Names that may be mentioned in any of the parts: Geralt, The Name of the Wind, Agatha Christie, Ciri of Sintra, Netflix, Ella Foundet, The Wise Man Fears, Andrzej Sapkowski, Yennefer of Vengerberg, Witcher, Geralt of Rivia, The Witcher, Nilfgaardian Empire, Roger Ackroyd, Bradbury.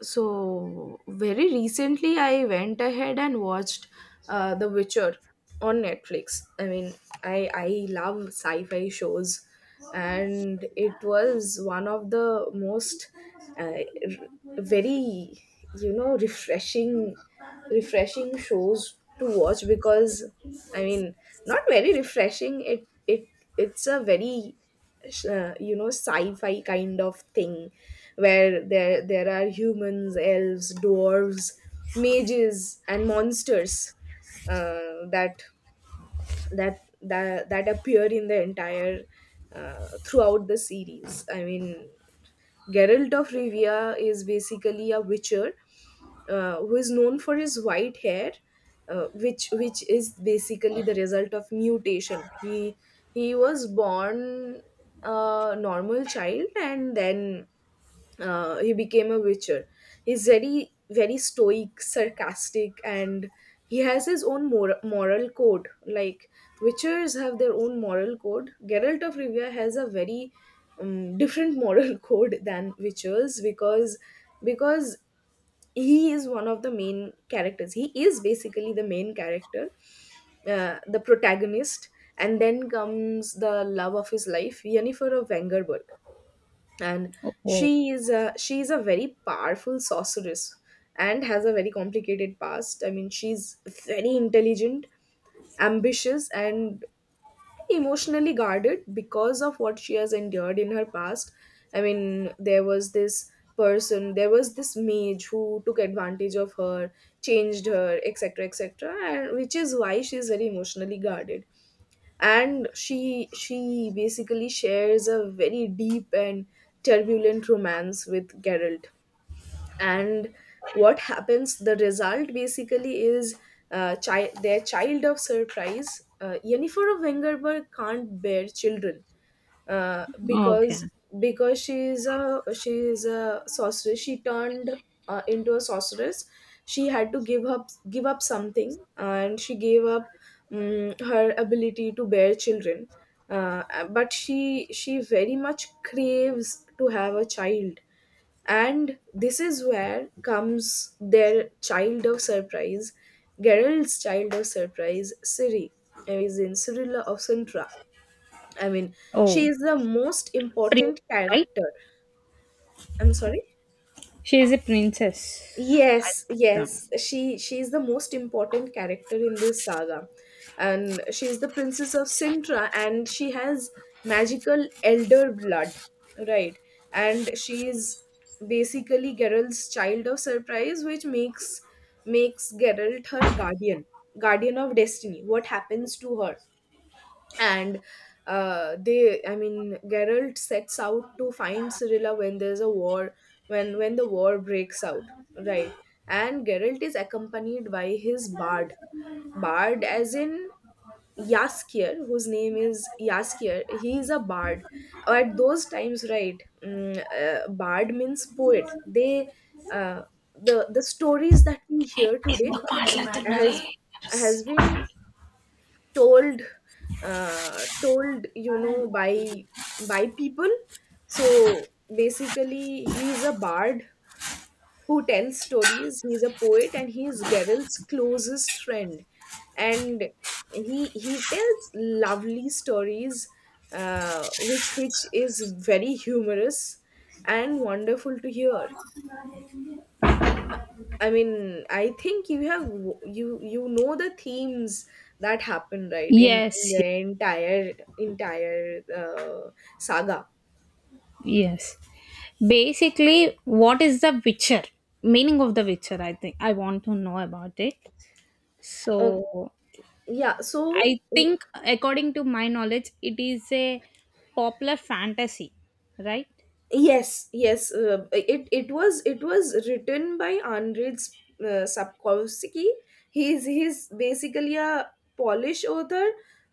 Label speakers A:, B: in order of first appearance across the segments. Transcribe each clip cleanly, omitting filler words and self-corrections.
A: So, very recently, I went ahead and watched The Witcher on Netflix. I mean, I love sci fi shows, and it was one of the most uh, r- very, you know, refreshing, refreshing shows to watch because, I mean, not very refreshing, it's a very sci-fi kind of thing where there are humans, elves, dwarves, mages and monsters uh, that that appear in the entire throughout the series. I mean, Geralt of Rivia is basically a witcher who is known for his white hair, which is basically the result of mutation. He was born a normal child and then he became a witcher. He's very, very stoic, sarcastic, and he has his own moral code. Like, witchers have their own moral code. Geralt of Rivia has a very different moral code than witchers because he is one of the main characters. He is basically the main character, the protagonist. And then comes the love of his life, Yennefer of Wengerberg. And
B: Oh,
A: she is a very powerful sorceress and has a very complicated past. I mean, she's very intelligent, ambitious and emotionally guarded because of what she has endured in her past. I mean, there was this mage who took advantage of her, changed her, etc. etc. And which is why she's very emotionally guarded. And she basically shares a very deep and turbulent romance with Geralt. And what happens? The result basically is their child of surprise. Yennefer of Wengerberg can't bear children, uh, because
B: okay.
A: because she is a sorceress. She turned into a sorceress. She had to give up something, and she gave up her ability to bear children. uh, but she very much craves to have a child. And this is where comes their child of surprise, Geralt's child of surprise, Ciri is in Cyrilla of Sintra. I mean, she
B: Oh,
A: is the most
B: princess,
A: important
B: right?
A: character. I'm sorry.
B: She is a princess. I
A: Yes,
B: think so.
A: yes. She is the most important character in this saga. And she is the princess of Sintra and she has magical elder blood, right? And she is basically Geralt's child of surprise, which makes Geralt her guardian, guardian of destiny. What happens to her? And they I mean, Geralt sets out to find Cyrilla when there's a war, when the war breaks out, right. And Geralt is accompanied by his bard, bard as in Yaskier, whose name is Yaskier, he is a bard at those times, right. Bard means poet. Uh, the stories that we hear today has has been told, told by people. So basically, he's a bard who tells stories, he's a poet and he's Geralt's closest friend. And he tells lovely stories, which is very humorous and wonderful to hear. I mean, I think you know the themes that happen, right, in
B: Yes,
A: the entire entire saga.
B: yes. Basically, what is the Witcher? Meaning of the Witcher, I think. I want to know about it.
A: Uh,
B: So,
A: yeah, so
B: I think, according to my knowledge, it is a popular fantasy, right?
A: yes, yes. It was written by Andrzej Sapkowski. He's basically a Polish author.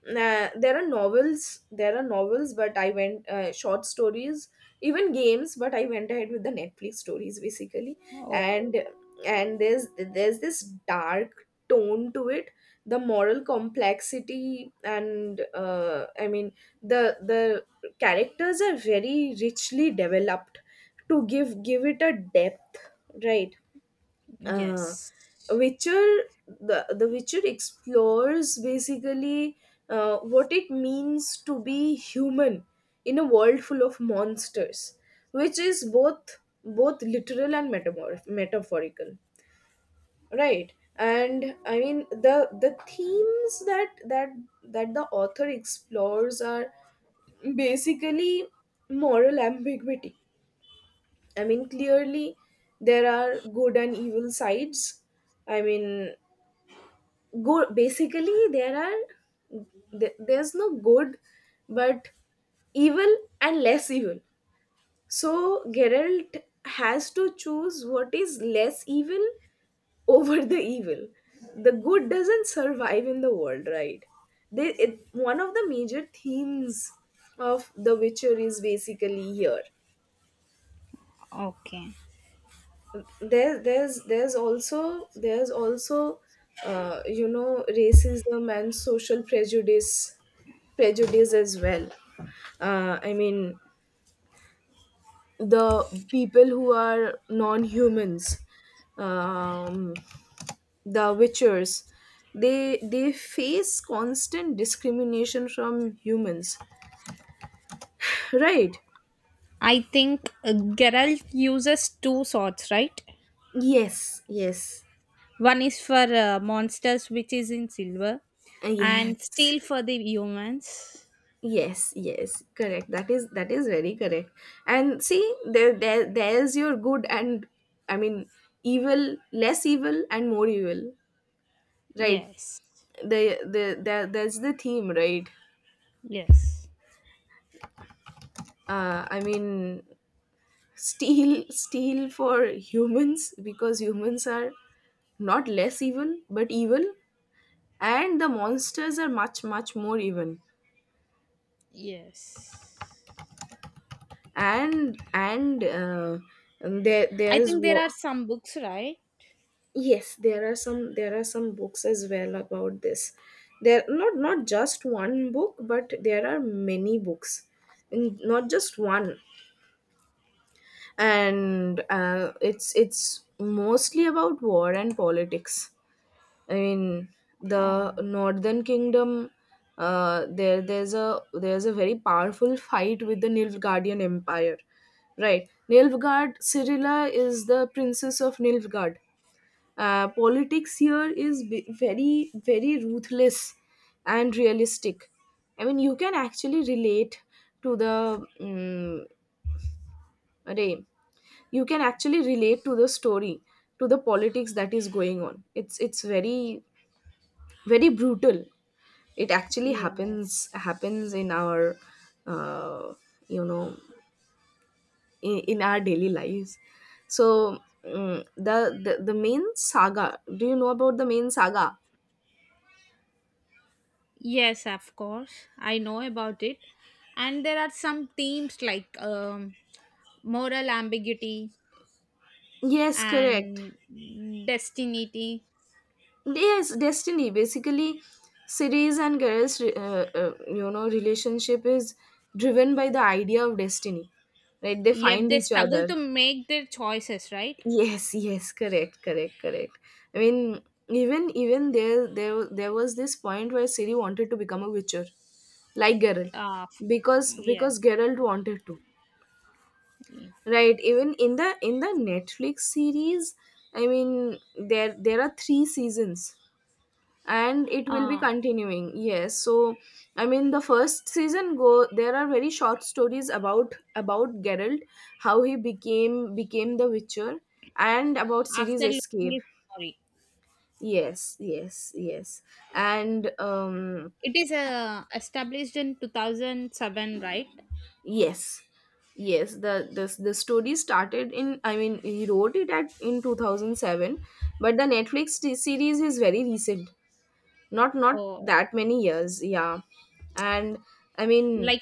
A: There are novels, but I went short stories, even games. But I went ahead with the Netflix stories basically.
B: Oh,
A: And there's this dark tone to it, the moral complexity, and I mean, the characters are very richly developed to give it a depth, right. uh,
B: yes.
A: witcher The witcher explores basically what it means to be human in a world full of monsters, which is both literal and metaphorical, right. And I mean, the themes that the author explores are basically moral ambiguity. I mean, clearly there are good and evil sides. I mean, good, basically there are there's no good but evil and less evil. So Geralt has to choose what is less evil over the evil. The good doesn't survive in the world, right? One of the major themes of The Witcher is basically here.
B: Okay.
A: There's also, racism and social prejudice as well. I mean, the people who are non-humans. Um, the witchers, they face constant discrimination from humans, right.
B: I think Geralt uses two swords, right?
A: Yes, yes.
B: One is for monsters, which is in silver, and
A: Yes,
B: steel for the humans.
A: yes, yes, correct. That is very correct. And see, there's your good, and I mean, evil, less evil and more evil, right.
B: Yes.
A: the the That's the theme, right.
B: Yes.
A: I mean, steal for humans because humans are not less evil but evil. And the monsters are much, much more even.
B: Yes.
A: And
B: I
A: there's
B: think there
A: war.
B: are some books, right?
A: Yes, there are some books as well about this. There Not just one book but there are many books. And not just one. And it's mostly about war and politics. I mean, the
B: Oh,
A: Northern Kingdom. There's a very powerful fight with the Nilfgaardian Empire, right? Nilfgaard, Cyrilla is the princess of Nilfgaard. Politics here is very, very ruthless and realistic. I mean, you can actually relate to the Ray. You can actually relate to the story, to the politics that is going on. It's very, very brutal. It actually
B: yes.
A: happens in our uh, you know in our daily lives. So the main saga, do you know about the main saga?
B: Yes, of course. I know about it. And there are some themes like moral ambiguity
A: Yes, correct.
B: and destiny.
A: Yes, destiny. Basically Ceres and Gareth's relationship is driven by the idea of destiny, right? They
B: Yet
A: find
B: they
A: each
B: struggle
A: other.
B: to make their choices, right?
A: Yes, yes, correct, correct, correct. I mean, even there there was this point where Siri wanted to become a witcher, like Geralt,
B: Uh,
A: because
B: yeah.
A: because Geralt wanted to,
B: yeah.
A: right? Even in the Netflix series, I mean, there are three seasons, and it will be
B: Ah,
A: continuing. Yes, so I mean, the first season go there are very short stories about Geralt, how he became the witcher and about
B: after
A: series
B: losing
A: escape.
B: its memory.
A: Yes, yes, yes. And
B: It is established in 2007, right?
A: yes. Yes, the this the story started in, I mean, he wrote it at in 2007, but the Netflix series is very recent. Not
B: Oh,
A: that many years, yeah. And I mean,
B: like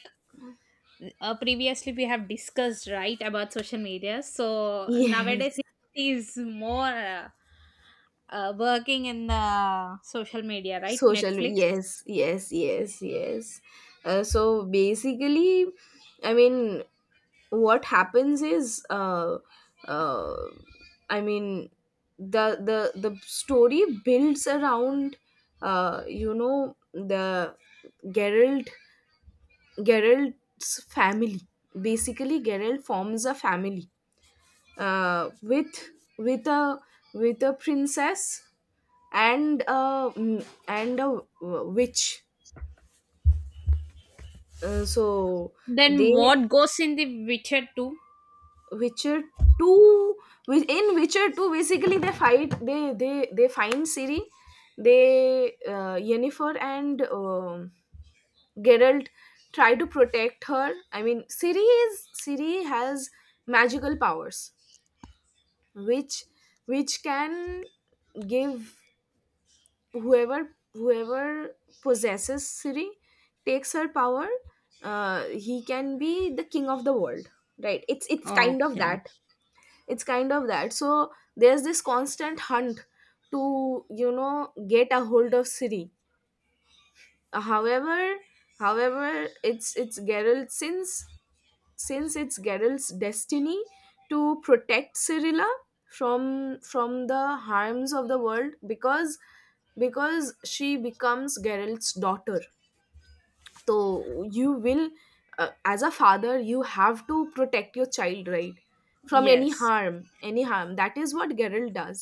B: previously we have discussed, right, about social media. So nowadays
A: yes,
B: it is more working in the social media, right?
A: social
B: Netflix.
A: yes, yes, yes, yes. So basically, I mean, what happens is uh, i mean the story builds around the geralt Geralt's family. Basically Geralt forms a family with with a with a princess and and a witch. So
B: Then
A: they
B: what goes in the Witcher 2?
A: Witcher two, with in Witcher two, basically they fight, they find Ciri, they Yennefer and Geralt try to protect her. I mean, Ciri has magical powers, which which can give whoever possesses Ciri takes her power. He can be the king of the world, right? It's kind of
B: Okay.
A: that, so there's this constant hunt to get a hold of Siri. however However, it's Geralt, since it's Geralt's destiny to protect Cyrilla from the harms of the world, because she becomes Geralt's daughter. So you will as a father, you have to protect your child, right? From any
B: Yes.
A: harm, that is what Geralt does.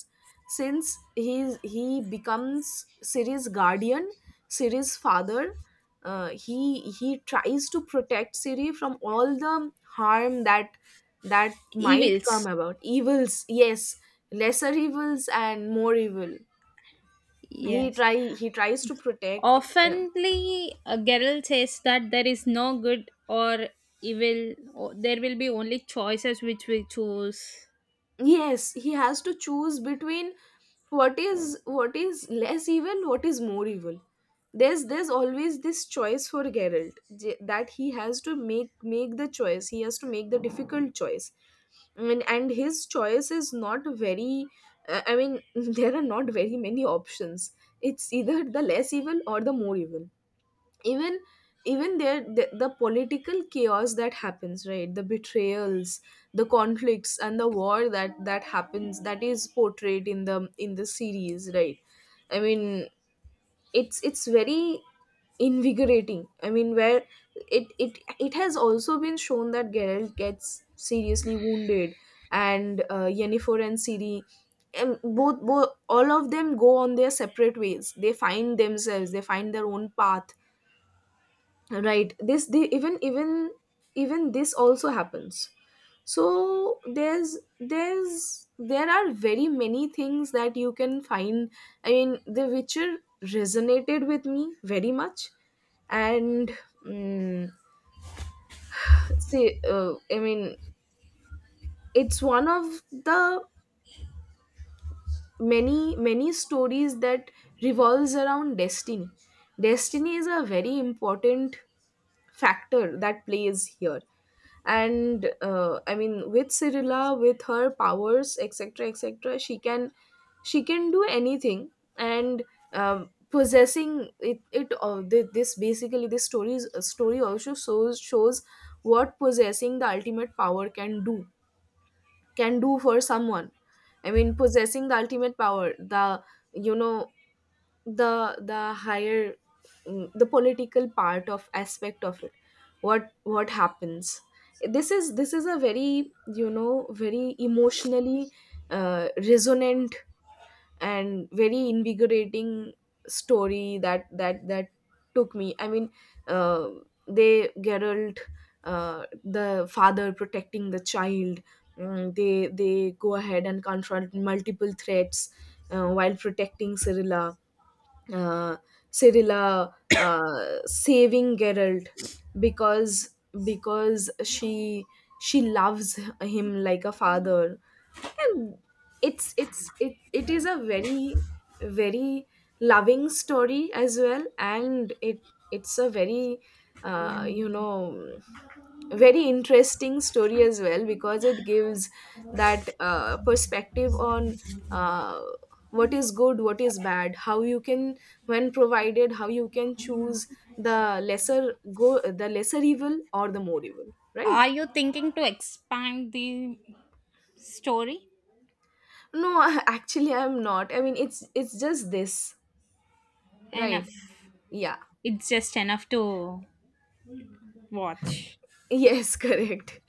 A: Since he becomes Siri's guardian, Siri's father, he tries to protect Siri from all the harm that might come
B: Evils.
A: about. Evils, yes, lesser evils and more evil. he
B: Yes.
A: try he tries to protect. Yeah.
B: Oftenly, Geralt says that there is no good or evil, there will be only choices which we choose.
A: Yes, he has to choose between what is less evil, what is more evil. There's always this choice for Geralt that he has to make the choice, he has to make the difficult choice. And his choice is not very I mean, there are not very many options. It's either the less evil or the more evil. Even even the political chaos that happens, right, the betrayals, the conflicts and the war that happens, that is portrayed in the series, right. I mean, it's very invigorating. I mean, where it has also been shown that Geralt gets seriously wounded. And Yennefer and Ciri, both both all of them go on their separate ways, they find themselves, they find their own path, right. this they even even even This also happens. So there are very many things that you can find. I mean, the witcher resonated with me very much. And mm, say I mean, it's one of the many stories that revolves around destiny. Destiny is a very important factor that plays here. And I mean, with Cyrilla, with her powers, etc. etc., she can do anything. And possessing it it thi- this basically, this story's story also shows what possessing the ultimate power can do for someone. I mean, possessing the ultimate power, the you know the higher, the political part of aspect of it. What happens, this is a very very emotionally resonant and very invigorating story that took me. I mean, uh, they Geralt, the father, protecting the child. They go ahead and confront multiple threats while protecting Cyrilla, uh, Cyrilla saving Geralt, because because she loves him like a father. And it is a very, very loving story as well. And it's a very you know, very interesting story as well because it gives that perspective on uh, what is good, what is bad, how you can, when provided, how you can choose the lesser evil or the more evil, right?
B: Are you thinking to expand the story?
A: No, actually, I'm not, I mean, it's just this.
B: Enough.
A: Right. Yeah.
B: It's just enough to watch.
A: Yes, correct.